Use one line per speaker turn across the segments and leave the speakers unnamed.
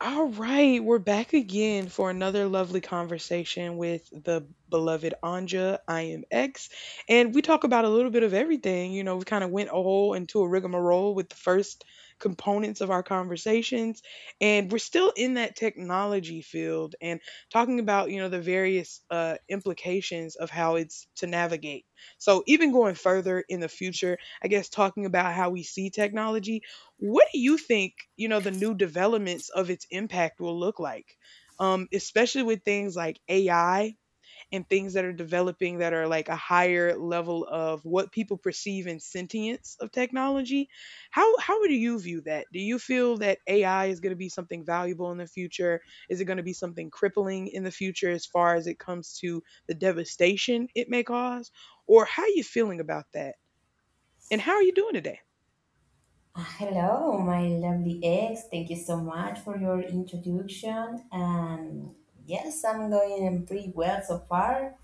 All right, we're back again for another lovely conversation with the beloved Anja. I am X, and we talk about a little bit of everything. You know, we kind of went a whole into a rigmarole with the first components of our conversations, and we're still in that technology field and talking about you know the various implications of how it's to navigate. So even going further in the future, I guess talking about how we see technology what do you think, you know, the new developments of its impact will look like? Especially with things like AI and things that are developing that are like a higher level of what people perceive in sentience of technology. How do you view that? Do you feel that AI is going to be something valuable in the future? Is it going to be something crippling in the future as far as it comes to the devastation it may cause? Or how are you feeling about that? And how are you doing today?
Hello, my lovely ex. Thank you so much for your introduction. And yes, I'm going pretty well so far.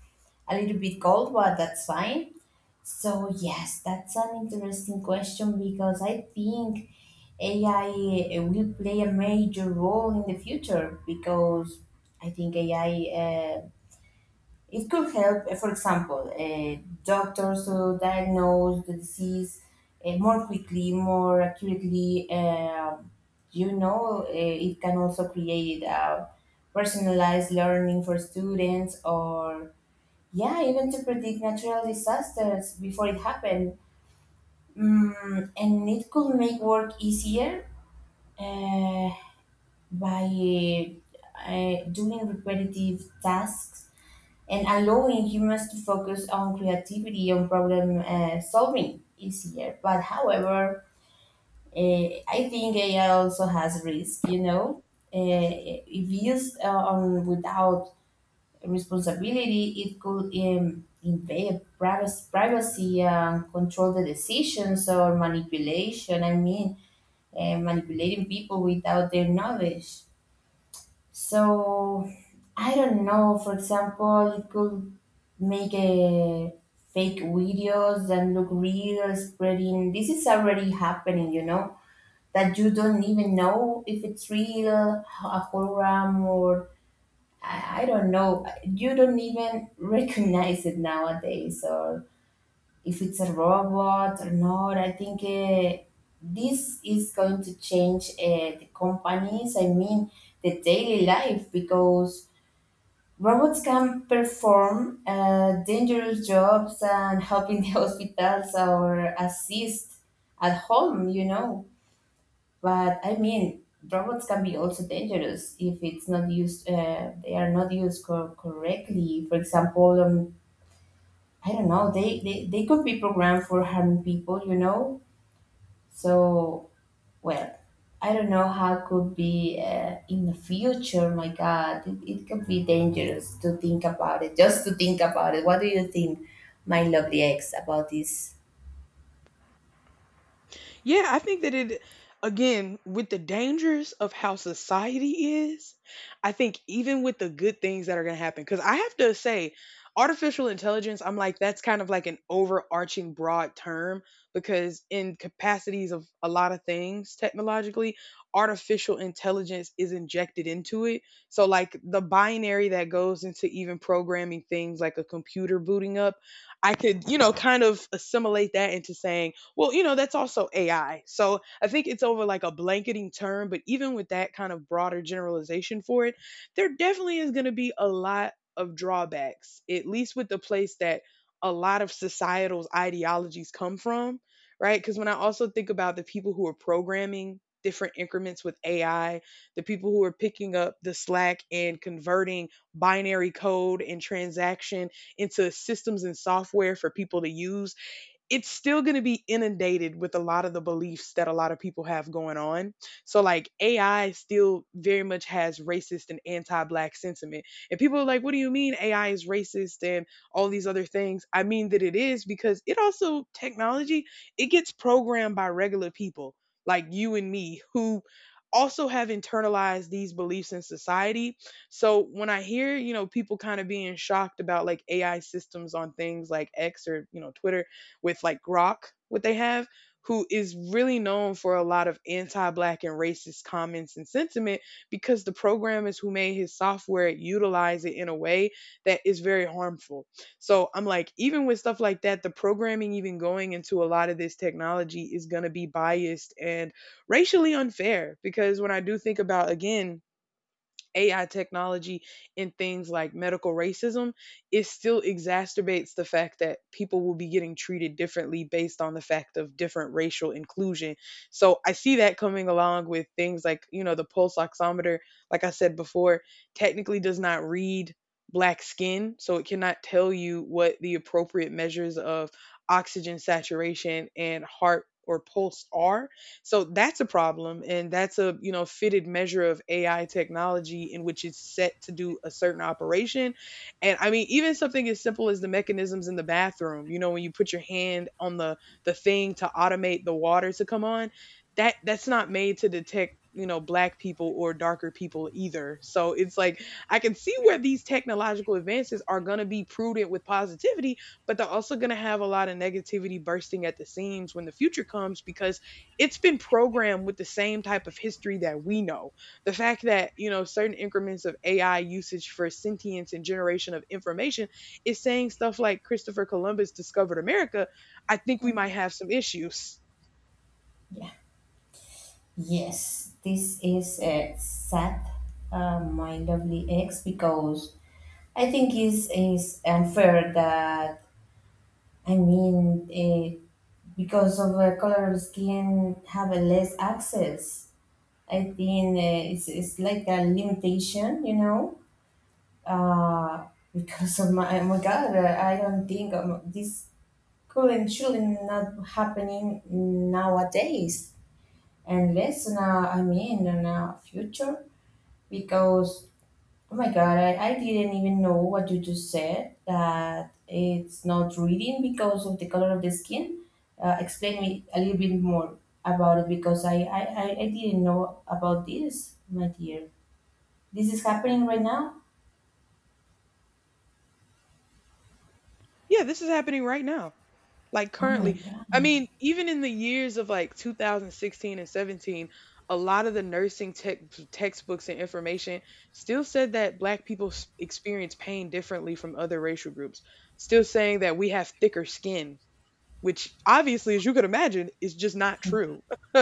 A little bit cold, but that's fine. So, yes, that's an interesting question because I think AI will play a major role in the future because I think AI it could help, for example, doctors to diagnose the disease more quickly, more accurately. It can also create personalized learning for students, or yeah, even to predict natural disasters before it happened. And it could make work easier uh, by doing repetitive tasks and allowing humans to focus on creativity and problem solving easier. But however, I think AI also has risk. You know, if used on without responsibility, it could invade privacy, control the decisions or manipulation. I mean, manipulating people without their knowledge. So I don't know. For example, you could make a fake videos that look real, spreading. This is already happening, you know, that you don't even know if it's real, a hologram, or I don't know. You don't even recognize it nowadays, or if it's a robot or not. I think this is going to change the companies. I mean, the daily life because robots can perform dangerous jobs and help in the hospitals or assist at home, you know. But I mean, robots can be also dangerous if it's not used. They are not used correctly. For example, I don't know. They could be programmed for harming people, you know. So well, I don't know how could be in the future. My God, it could be dangerous to think about it. Just to think about it. What do you think, my lovely ex, about this?
Yeah, I think that it again with the dangers of how society is, I think even with the good things that are going to happen cuz I have to say artificial intelligence I'm like that's kind of like an overarching broad term because in capacities of a lot of things technologically artificial intelligence is injected into it. So like the binary that goes into even programming things like a computer booting up, I could, you know, kind of assimilate that into saying well, you know, that's also AI. So I think it's over like a blanketing term, but even with that kind of broader generalization for it, there definitely is going to be a lot of drawbacks, at least with the place that a lot of societal ideologies come from, right? Because when I also think about the people who are programming different increments with AI, the people who are picking up the slack and converting binary code and transaction into systems and software for people to use it's still going to be inundated with a lot of the beliefs that a lot of people have going on. So, like, AI still very much has racist and anti black sentiment. And people are like, what do you mean AI is racist and all these other things? I mean that it is because it also, technology, it gets programmed by regular people like you and me who also have internalized these beliefs in society. So when I hear, you know, people kind of being shocked about like AI systems on things like X or, you know, Twitter, with like Grok, what they have, who is really known for a lot of anti black and racist comments and sentiment because the programmers who made his software utilize it in a way that is very harmful. So I'm like, even with stuff like that, the programming even going into a lot of this technology is going to be biased and racially unfair because when I do think about, again, AI technology in things like medical racism, it still exacerbates the fact that people will be getting treated differently based on the fact of different racial inclusion. So I see that coming along with things like, you know, the pulse oximeter, like I said before, technically does not read black skin, so it cannot tell you what the appropriate measures of oxygen saturation and heart or pulse are so that's a problem and that's a, you know, fitted measure of AI technology in which it's set to do a certain operation. And I mean, even something as simple as the mechanisms in the bathroom, you know, when you put your hand on the thing to automate the water to come on, that's not made to detect you know black people or darker people either so it's like I can see where these technological advances are going to be prudent with positivity but they're also going to have a lot of negativity bursting at the seams when the future comes because it's been programmed with the same type of history that we know. The fact that, you know, certain increments of AI usage for sentience and generation of information is saying stuff like Christopher Columbus discovered America, I think we might have some issues.
Yeah. Yes, this is sad, my lovely ex, because I think it's unfair that, I mean, because of the color of skin have a less access. I think it's like a limitation, you know? Uh, because of my, oh my God, I don't think this could and shouldn't happening nowadays, and less now. I mean, in our future, because oh my God, I didn't even know what you just said that it's not reading because of the color of the skin. Explain me a little bit more about it because I didn't know about this, my dear. This is happening right now.
Yeah, this is happening right now. Like
Oh my
currently, I mean, even in the years of like 2016 and 17, a lot of the nursing tech textbooks and information still said that experience pain differently from other racial groups, still saying that we have thicker skin, which obviously, as you could imagine, is just not true.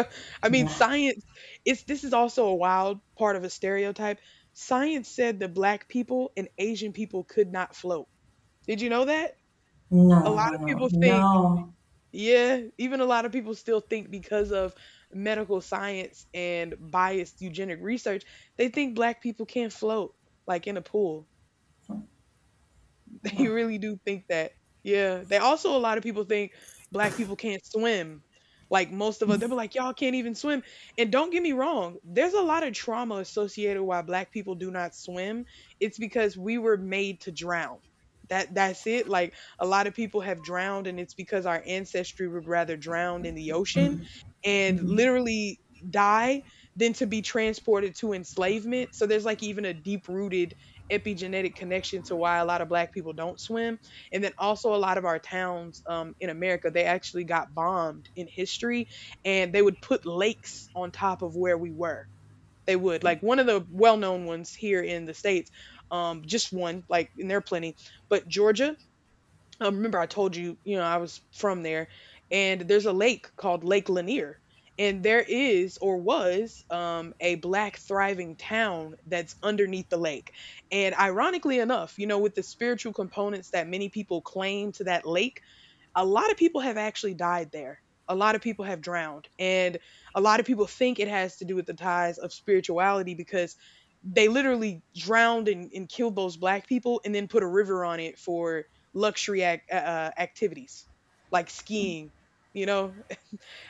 I mean,
God.
science, it's this is also a wild part of a stereotype. Science said that black people and Asian people could not float. Did you know that?
No,
A lot
no,
of
no,
people think
no,
yeah, even a lot of people still think because of medical science and biased eugenic research, they think black people can't float like in a pool. They
no.
really do think that. Yeah. They also a lot of people think black people can't swim. Like most of us, they'll be like, y'all can't even swim. And don't get me wrong, there's a lot of trauma associated why black people do not swim. It's because we were made to drown. That's it. Like a lot of people have drowned, and it's because our ancestry would rather drown in the ocean and
Mhm.
literally die than to be transported to enslavement. So there's like even a deep rooted epigenetic connection to why a lot of black people don't swim and then also a lot of our towns in America they actually got bombed in history and they would put lakes on top of where we were they would like one of the well-known ones here in the states just one like and there are plenty but Georgia, remember I told you, you know, I was from there, and there's a lake called Lake Lanier, and there is or was a black thriving town that's underneath the lake. And ironically enough, you know, with the spiritual components that many people claim to that lake a lot of people have actually died there. A lot of people have drowned. And a lot of people think it has to do with the ties of spirituality because they literally drowned and killed those black people and then put a river on it for activities like skiing, you know,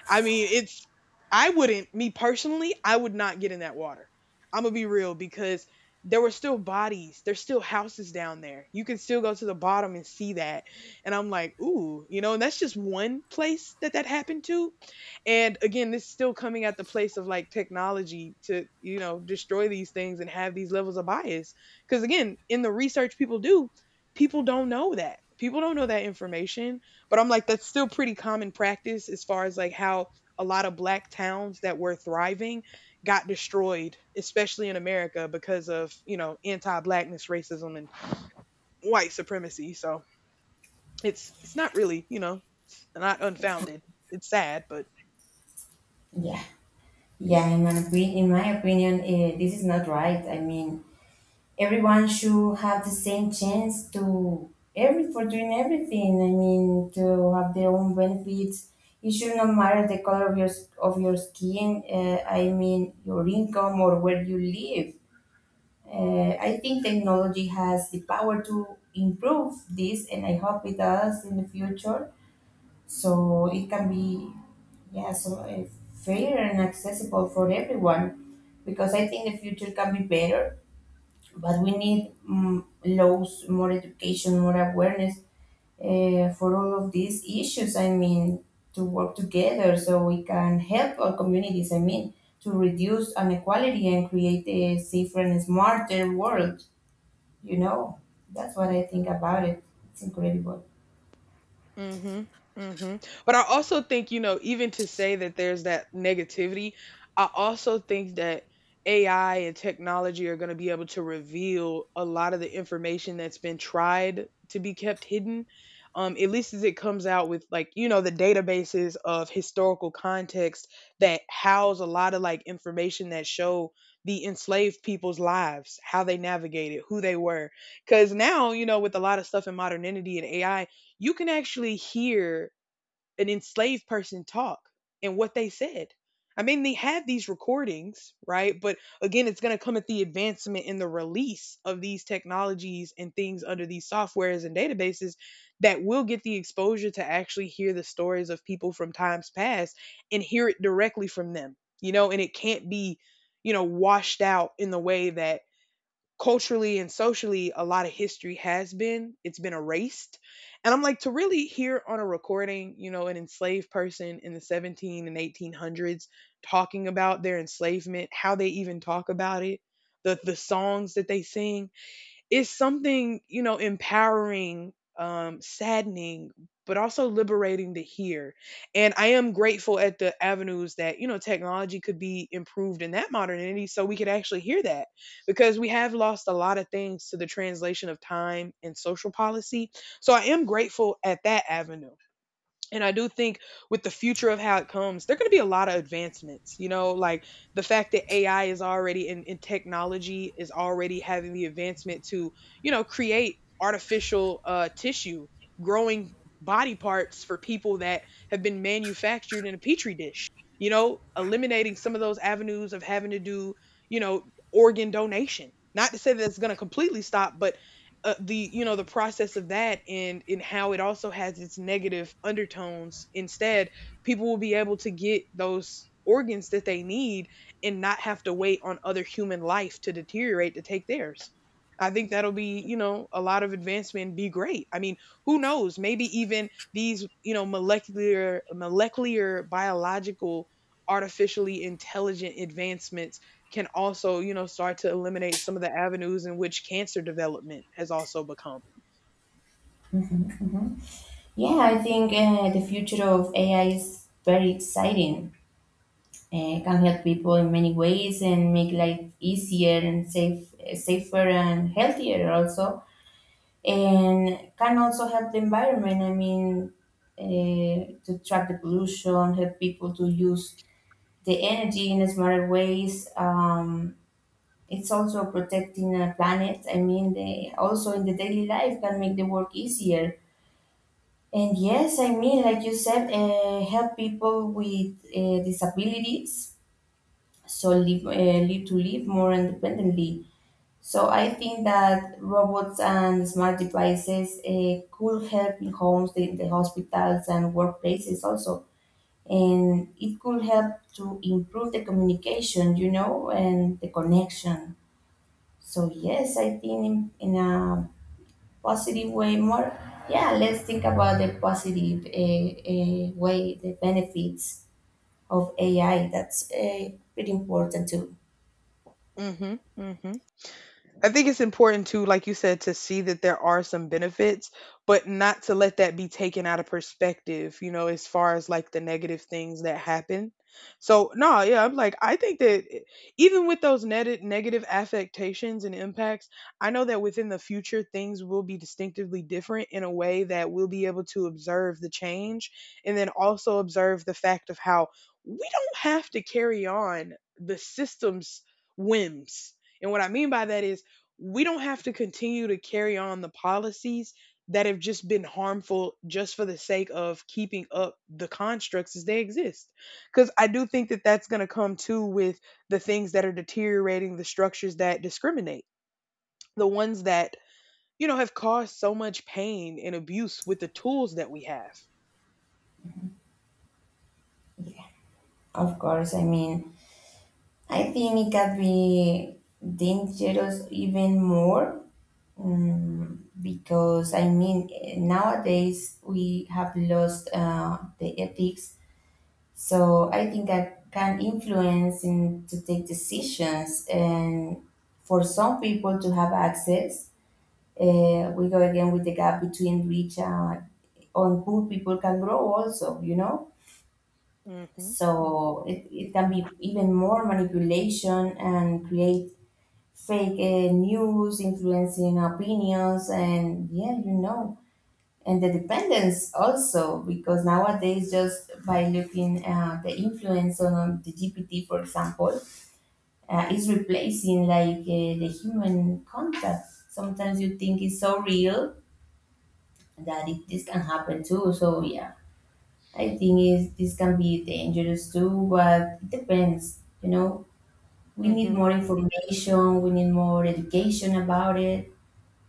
I mean, it's I wouldn't me personally, I would not get in that water. I'm gonna be real because there were still bodies, there's still houses down there. You can still go to the bottom and see that. And I'm like, ooh, you know, and that's just one place that that happened to. And again, this is still coming at the place of like technology to, you know, destroy these things and have these levels of bias. Because again, in the research people do, people don't know that. People don't know that information but I'm like, that's still pretty common practice as far as like how a lot of black towns that were thriving got destroyed, especially in America because of, you know, anti-blackness, racism and white supremacy. So it's not really, you know, not unfounded. It's sad, but
Yeah, yeah. In my opinion, this is not right. I mean, everyone should have the same chance to every for doing everything. I mean, to have their own benefits. It should not matter the color of your of your skin. I mean, your income or where you live. I think technology has the power to improve this, and I hope it does in the future. So it can be, yeah, so fair and accessible for everyone because I think the future can be better, but we need laws, more education, more awareness for all of these issues. I mean, to work together so we can help our communities, I mean, to reduce inequality and create a safer and smarter world, you know. That's what I think about it. It's incredible.
hmm hmm But I also think, you know, even to say that there's that negativity, I also think that AI and technology are going to be able to reveal a lot of the information that's been tried to be kept hidden. At least as it comes out with like, you know, the databases of historical context that house a lot of like information that show the enslaved people's lives, how they navigated, who they were. Cause now, you know, with a lot of stuff in modernity and AI, you can actually hear an enslaved person talk and what they said. I mean, they have these recordings, right? But again, it's going to come at the advancement in the release of these technologies and things under these softwares and databases that will get the exposure to actually hear the stories of people from times past and hear it directly from them, you know, and it can't be, you know, washed out in the way that culturally and socially a lot of history has been it's been erased and I'm like to really hear on a recording you know an enslaved person in the 17 and 1800s talking about their enslavement how they even talk about it the songs that they sing it's something, you know, empowering, saddening, but also liberating to hear. And I am grateful at the avenues that, technology could be improved in that modernity so we could actually hear that, because we have lost a lot of things to the translation of time and social policy. So I am grateful at that avenue. And I do think with the future of how it comes, there are going to be a lot of advancements. You know, like the fact that AI is already in technology is already having the advancement to, you know, create artificial tissue, growing body parts for people that have been manufactured in a petri dish. You know, eliminating some of those avenues of having to do, you know, organ donation. Not to say that it's going to completely stop, but the the process of that, and how it also has its negative undertones. Instead, people will be able to get those organs that they need and not have to wait on other human life to deteriorate to take theirs. I think that'll be, you know, a lot of advancement, be great. I mean, who knows, maybe even these, you know, molecular biological artificially intelligent advancements can also, you know, start to eliminate some of the avenues in which cancer development has also become.
Yeah, I think the future of AI is very exciting. It can help people in many ways and make life easier and safe, safer and healthier also, and can also help the environment. I mean, uh, to track the pollution, help people to use the energy in smarter ways. It's also protecting the planet. I mean, they also in the daily life can make the work easier. And yes, I mean, like you said, help people with disabilities, so live, to live more independently. So I think that robots and smart devices could help in homes, in the hospitals and workplaces also. And it could help to improve the communication, you know, and the connection. So yes, I think in a positive way more, yeah, let's think about the positive way, the benefits of AI. That's pretty important too.
Mm-hmm. Mm-hmm. I think it's important to, like you said, to see that there are some benefits, but not to let that be taken out of perspective, you know, as far as like the negative things that happen. So, no, yeah, I'm like, I think that even with those negative affectations and impacts, I know that within the future, things will be distinctively different in a way that we'll be able to observe the change, and then also observe the fact of how we don't have to carry on the system's whims. And what I mean by that is we don't have to continue to carry on the policies that have just been harmful just for the sake of keeping up the constructs as they exist. Because I do think that that's going to come too, with the things that are deteriorating the structures that discriminate, the ones that, you know, have caused so much pain and abuse with the tools that we have.
Yeah, of course. I mean, I think it can be dangerous even more, because I mean, nowadays we have lost the ethics. So I think that can influence in to take decisions and for some people to have access. We go again with the gap between rich and on poor people can grow also, you know?
Mhm. Mm,
So it can be even more manipulation and create fake news, influencing opinions, and yeah, you know. And the dependence also, because nowadays, just by looking at the influence on the GPT, for example, is replacing like the human contact. Sometimes you think it's so real, that this can happen too. So yeah, I think is this can be dangerous too, but it depends. You know, we need
mhm.
more information. We need more education about it.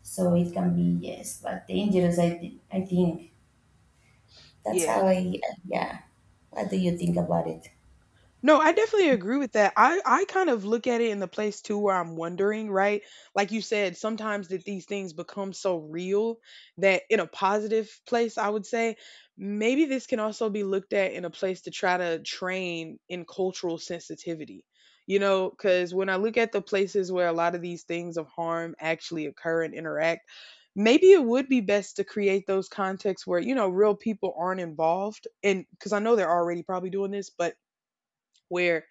So it can be yes, but dangerous. I think that's
Yeah.
how I, yeah. What do you think about it?
No, I definitely agree with that. I kind of look at it in the place too where I'm wondering, right? Like you said, sometimes that these things become so real that in a positive place, I would say, maybe this can also be looked at in a place to try to train in cultural sensitivity. You know, because when I look at the places where a lot of these things of harm actually occur and interact, maybe it would be best to create those contexts where, you know, real people aren't involved. And because I know they're already probably doing this, but where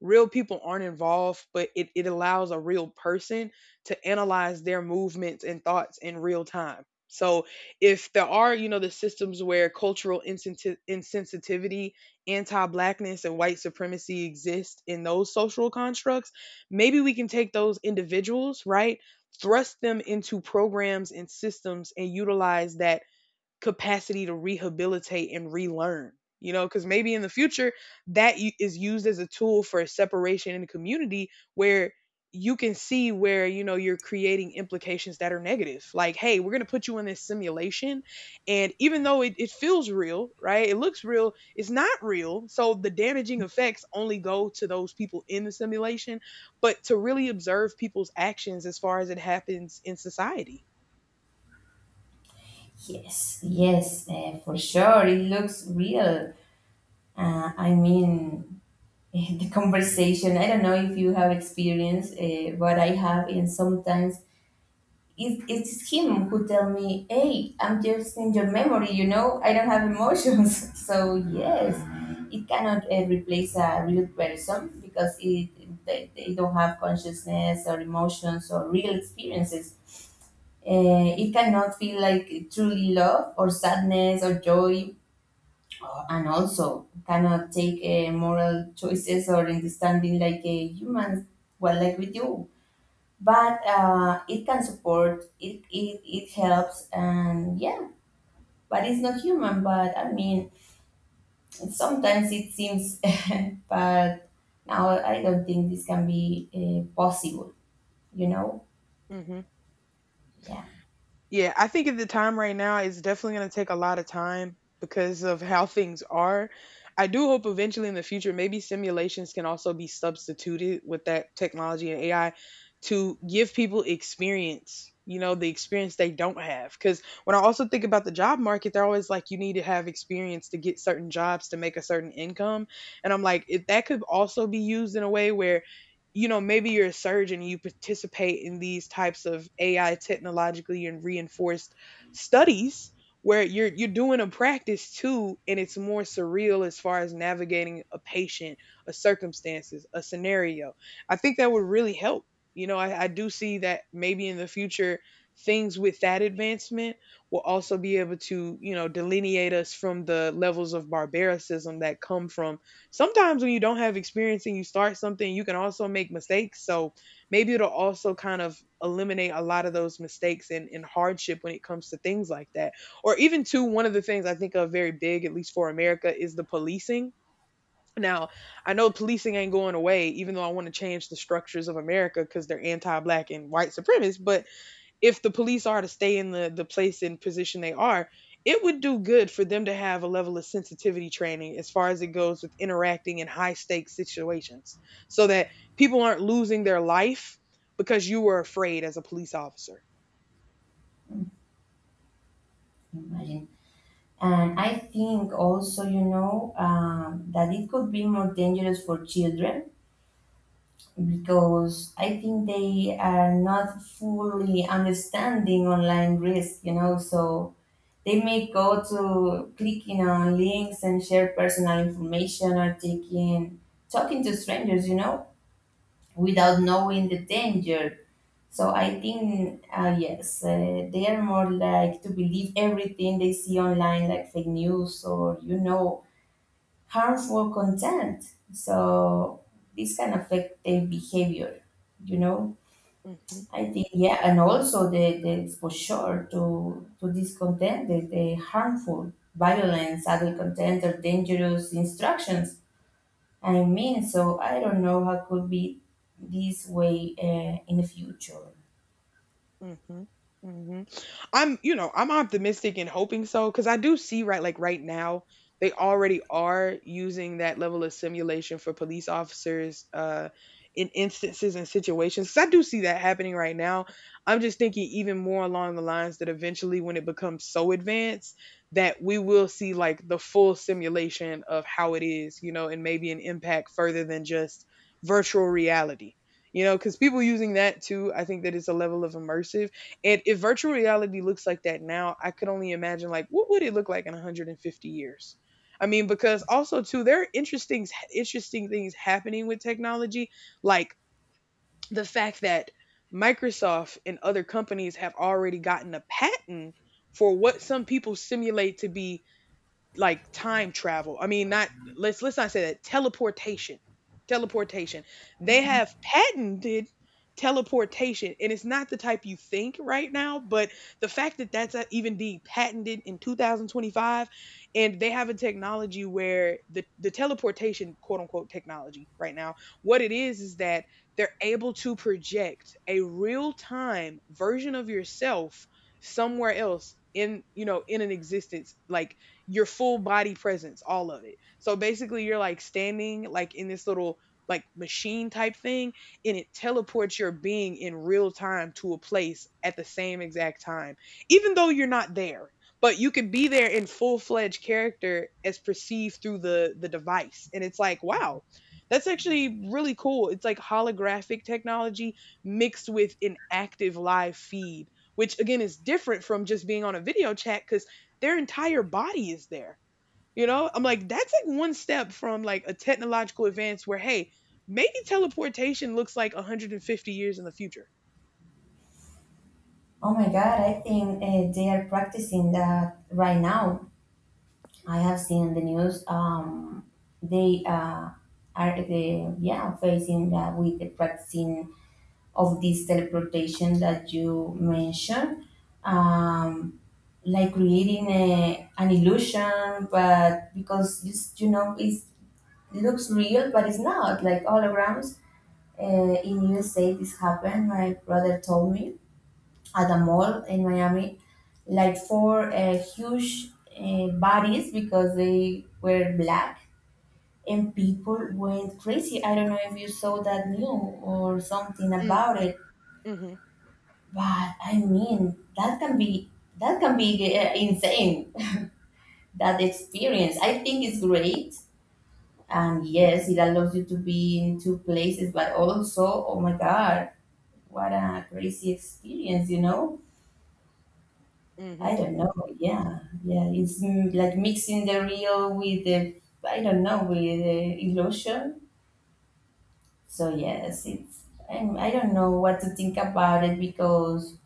real people aren't involved, but it allows a real person to analyze their movements and thoughts in real time. So if there are, you know, the systems where insensitivity, anti-blackness, and white supremacy exist in those social constructs, maybe we can take those individuals, right, thrust them into programs and systems and utilize that capacity to rehabilitate and relearn. You know, because maybe in the future that is used as a tool for separation in the community where you can see where, you know, you're creating implications that are negative, like, hey, we're going to put you in this simulation, and even though it feels real, right, it looks real, it's not real, so the damaging effects only go to those people in the simulation, but to really observe people's actions as far as it happens in society.
Yes, yes, for sure. It looks real. I mean, the conversation. I don't know if you have experience, but I have, and sometimes it's him who tell me, "Hey, I'm just in your memory. You know, I don't have emotions." So yes, it cannot replace a real person because it they don't have consciousness or emotions or real experiences. It cannot feel like truly love or sadness or joy, and also cannot take moral choices or understanding like a human. Well, like we do, but it can support it helps, and yeah, but it's not human. But I mean, sometimes it seems, but now I don't think this can be possible, you know.
Hmm.
Yeah.
Yeah, I think at the time right now, it's definitely going to take a lot of time because of how things are. I do hope eventually in the future, maybe simulations can also be substituted with that technology and AI to give people experience, you know, the experience they don't have. Because when I also think about the job market, they're always like, you need to have experience to get certain jobs to make a certain income. And I'm like, if that could also be used in a way where, you know, maybe you're a surgeon, you participate in these types of AI technologically and reinforced studies where you're doing a practice too, and it's more surreal as far as navigating a patient, a circumstances, a scenario. I think that would really help. You know, I do see that maybe in the future things with that advancement will also be able to, you know, delineate us from the levels of barbaricism that come from sometimes when you don't have experience and you start something, you can also make mistakes. So maybe it'll also kind of eliminate a lot of those mistakes and hardship when it comes to things like that. Or even too, one of the things I think of very big, at least for America, is the policing. Now, I know policing ain't going away, even though I want to change the structures of America because they're anti black and white supremacist, but if the police are to stay in the place and position they are, it would do good for them to have a level of sensitivity training as far as it goes with interacting in high stakes situations, so that people aren't losing their life because you were afraid as a police officer.
Imagine. And I think also, you know, that it could be more dangerous for children because I think they are not fully understanding online risk, you know. So they may go to clicking on links and share personal information or taking talking to strangers, you know, without knowing the danger. So I think, yes, they are more like to believe everything they see online, like fake news or you know harmful content. So this can affect their behavior, you know.
Mhm.
I think yeah, and also the exposure to this content, the harmful, violence, adult content, or dangerous instructions. I mean, so I don't know how could be this way in the future.
Mhm, mhm. I'm, you know, I'm optimistic and hoping so, because I do see, right, like right now they already are using that level of simulation for police officers in instances and situations. 'Cause I do see that happening right now. I'm just thinking even more along the lines that eventually when it becomes so advanced that we will see like the full simulation of how it is, you know, and maybe an impact further than just virtual reality. You know, because people using that too, I think that it's a level of immersive, and if virtual reality looks like that now, I could only imagine like what would it look like in 150 years. I mean, because also too there are interesting things happening with technology, like the fact that Microsoft and other companies have already gotten a patent for what some people simulate to be like time travel. I mean, not, let's not say that, teleportation. Teleportation. They have patented teleportation, and it's not the type you think right now. But the fact that that's even being patented in 2025, and they have a technology where the teleportation, quote unquote, technology right now, what it is that they're able to project a real time version of yourself somewhere else, in, you know, in an existence, like your full body presence, all of it. So basically, you're like standing like in this little like machine type thing, and it teleports your being in real time to a place at the same exact time, even though you're not there. But you can be there in full fledged character as perceived through the device, and it's like, wow. That's actually really cool. It's like holographic technology mixed with an active live feed, which again is different from just being on a video chat because their entire body is there. You know, I'm like, that's like one step from like a technological advance where, hey, maybe teleportation looks like 150 years in the future.
Oh my God, I think they are practicing that right now. I have seen the news. They Are the, yeah, facing that with the practicing of this teleportation that you mentioned, um, like creating a, an illusion, but because you, you know it's, it looks real, but it's not like holograms. In USA, this happened. My brother told me at a mall in Miami, like four huge bodies because they were black, and people went crazy. I don't know if you saw that news or something
Mm,
about it.
hmm.
But I mean, that can be, that can be insane. That experience, I think, is great. And yes, it allows you to be in two places, but also, oh my God, what a crazy experience, you know?
mm
I don't
hmm
know. Yeah, yeah, it's like mixing the real with the, I don't know, with the illusion. So yes, it's, I'm, I don't know what to think about it because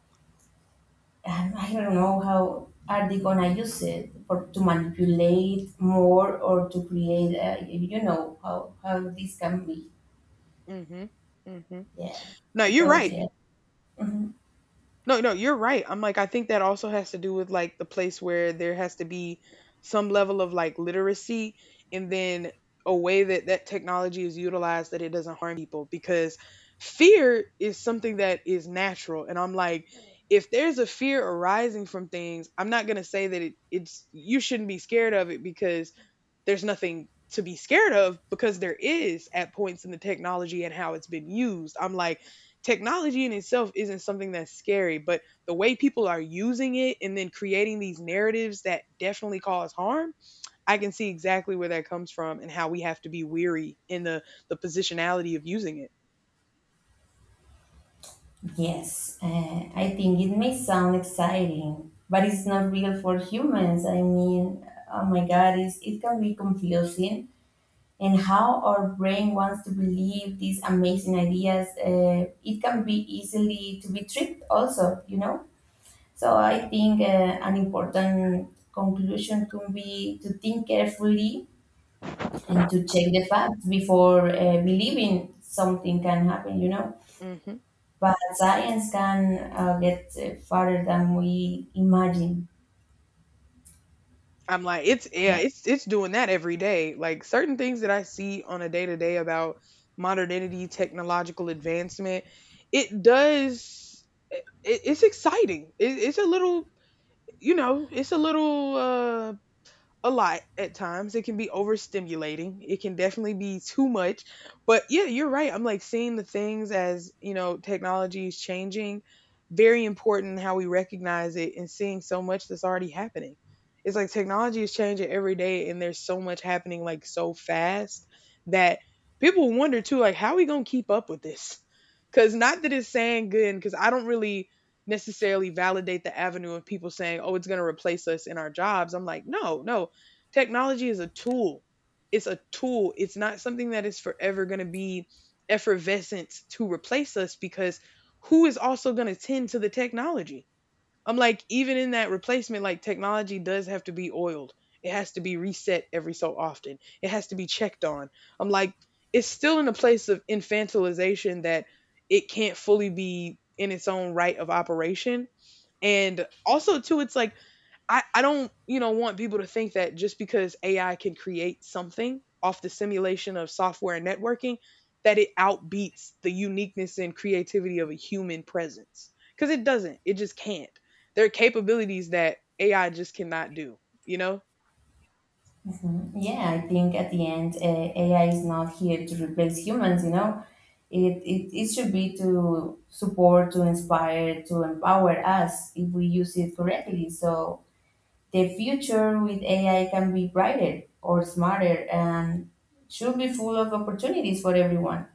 I don't know how are they gonna use it or to manipulate more or to create. You know how this can be.
mm hmm mm hmm
Yeah,
Now you're
because
right.
yeah. Mhm.
No, no, you're right. I'm like, I think that also has to do with like the place where there has to be some level of like literacy, and then a way that that technology is utilized that it doesn't harm people, because fear is something that is natural. And I'm like, if there's a fear arising from things, I'm not going to say that you shouldn't be scared of it, because there's nothing to be scared of, because there is at points in the technology and how it's been used. I'm like, technology in itself isn't something that's scary, but the way people are using it and then creating these narratives that definitely cause harm, I can see exactly where that comes from and how we have to be weary in the positionality of using it.
Yes, I think it may sound exciting, but it's not real for humans. I mean, oh my God, it can be confusing. And how our brain wants to believe these amazing ideas, it can be easily to be tricked. Also, you know. So I think an important conclusion could be to think carefully and to check the facts before believing something can happen, you know.
Mm-hmm.
But science can get farther than we imagine.
I'm like, it's, yeah,
But
it's doing that every day. Like certain things that I see on a day to day about modernity, technological advancement, it does. It's exciting. It's a little, you know, it's a little a lot at times. It can be overstimulating. It can definitely be too much. But yeah, you're right. I'm like, seeing the things as, you know, technology is changing. Very important how we recognize it, and seeing so much that's already happening. It's like technology is changing every day, and there's so much happening like so fast that people wonder too, like, how are we gonna keep up with this? Cause not that it's saying good, because I don't really necessarily validate the avenue of people saying, oh, it's going to replace us in our jobs. I'm like, no, no. Technology is a tool. It's a tool. It's not something that is forever going to be effervescent to replace us, because who is also going to tend to the technology? I'm like, even in that replacement, like technology does have to be oiled. It has to be reset every so often. It has to be checked on. I'm like, it's still in a place of infantilization that it can't fully be in its own right of operation. And also, too, it's like, I don't, you know, want people to think that just because AI can create something off the simulation of software and networking, that it outbeats the uniqueness and creativity of a human presence. Because it doesn't. It just can't. There are capabilities that AI just cannot do, you know?
mhm, yeah, I think at the end, AI is not here to replace humans, you know. It should be to support, to inspire, to empower us if we use it correctly. So the future with AI can be brighter or smarter and should be full of opportunities for everyone.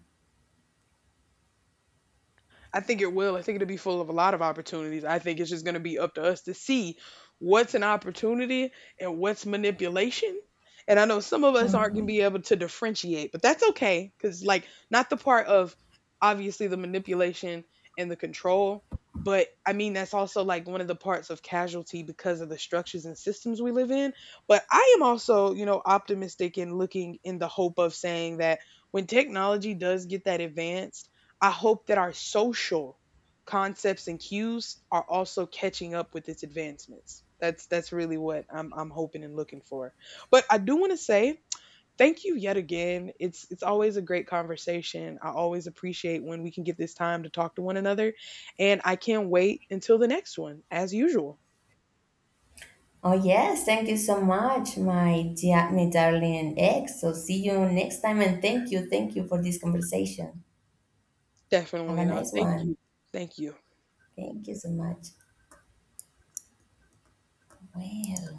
I think it will. I think it'll be full of a lot of opportunities. I think it's just going to be up to us to see what's an opportunity and what's manipulation. And I know some of us aren't going to
Mhm.
be able to differentiate, but that's okay, cuz like not the part of obviously the manipulation and the control, but I mean that's also like one of the parts of casualty because of the structures and systems we live in. But I am also, you know, optimistic and looking in the hope of saying that when technology does get that advanced, I hope that our social concepts and cues are also catching up with its advancements. That's really what I'm hoping and looking for. But I do want to say thank you yet again. It's always a great conversation. I always appreciate when we can get this time to talk to one another, and I can't wait until the next one as usual.
Oh, yes. Thank you so much, my, my darling ex. So, see you next time. And thank you. Thank you for this conversation. Have a
Definitely no.
nice
Thank
one.
you. Thank you.
Thank you so much. Well.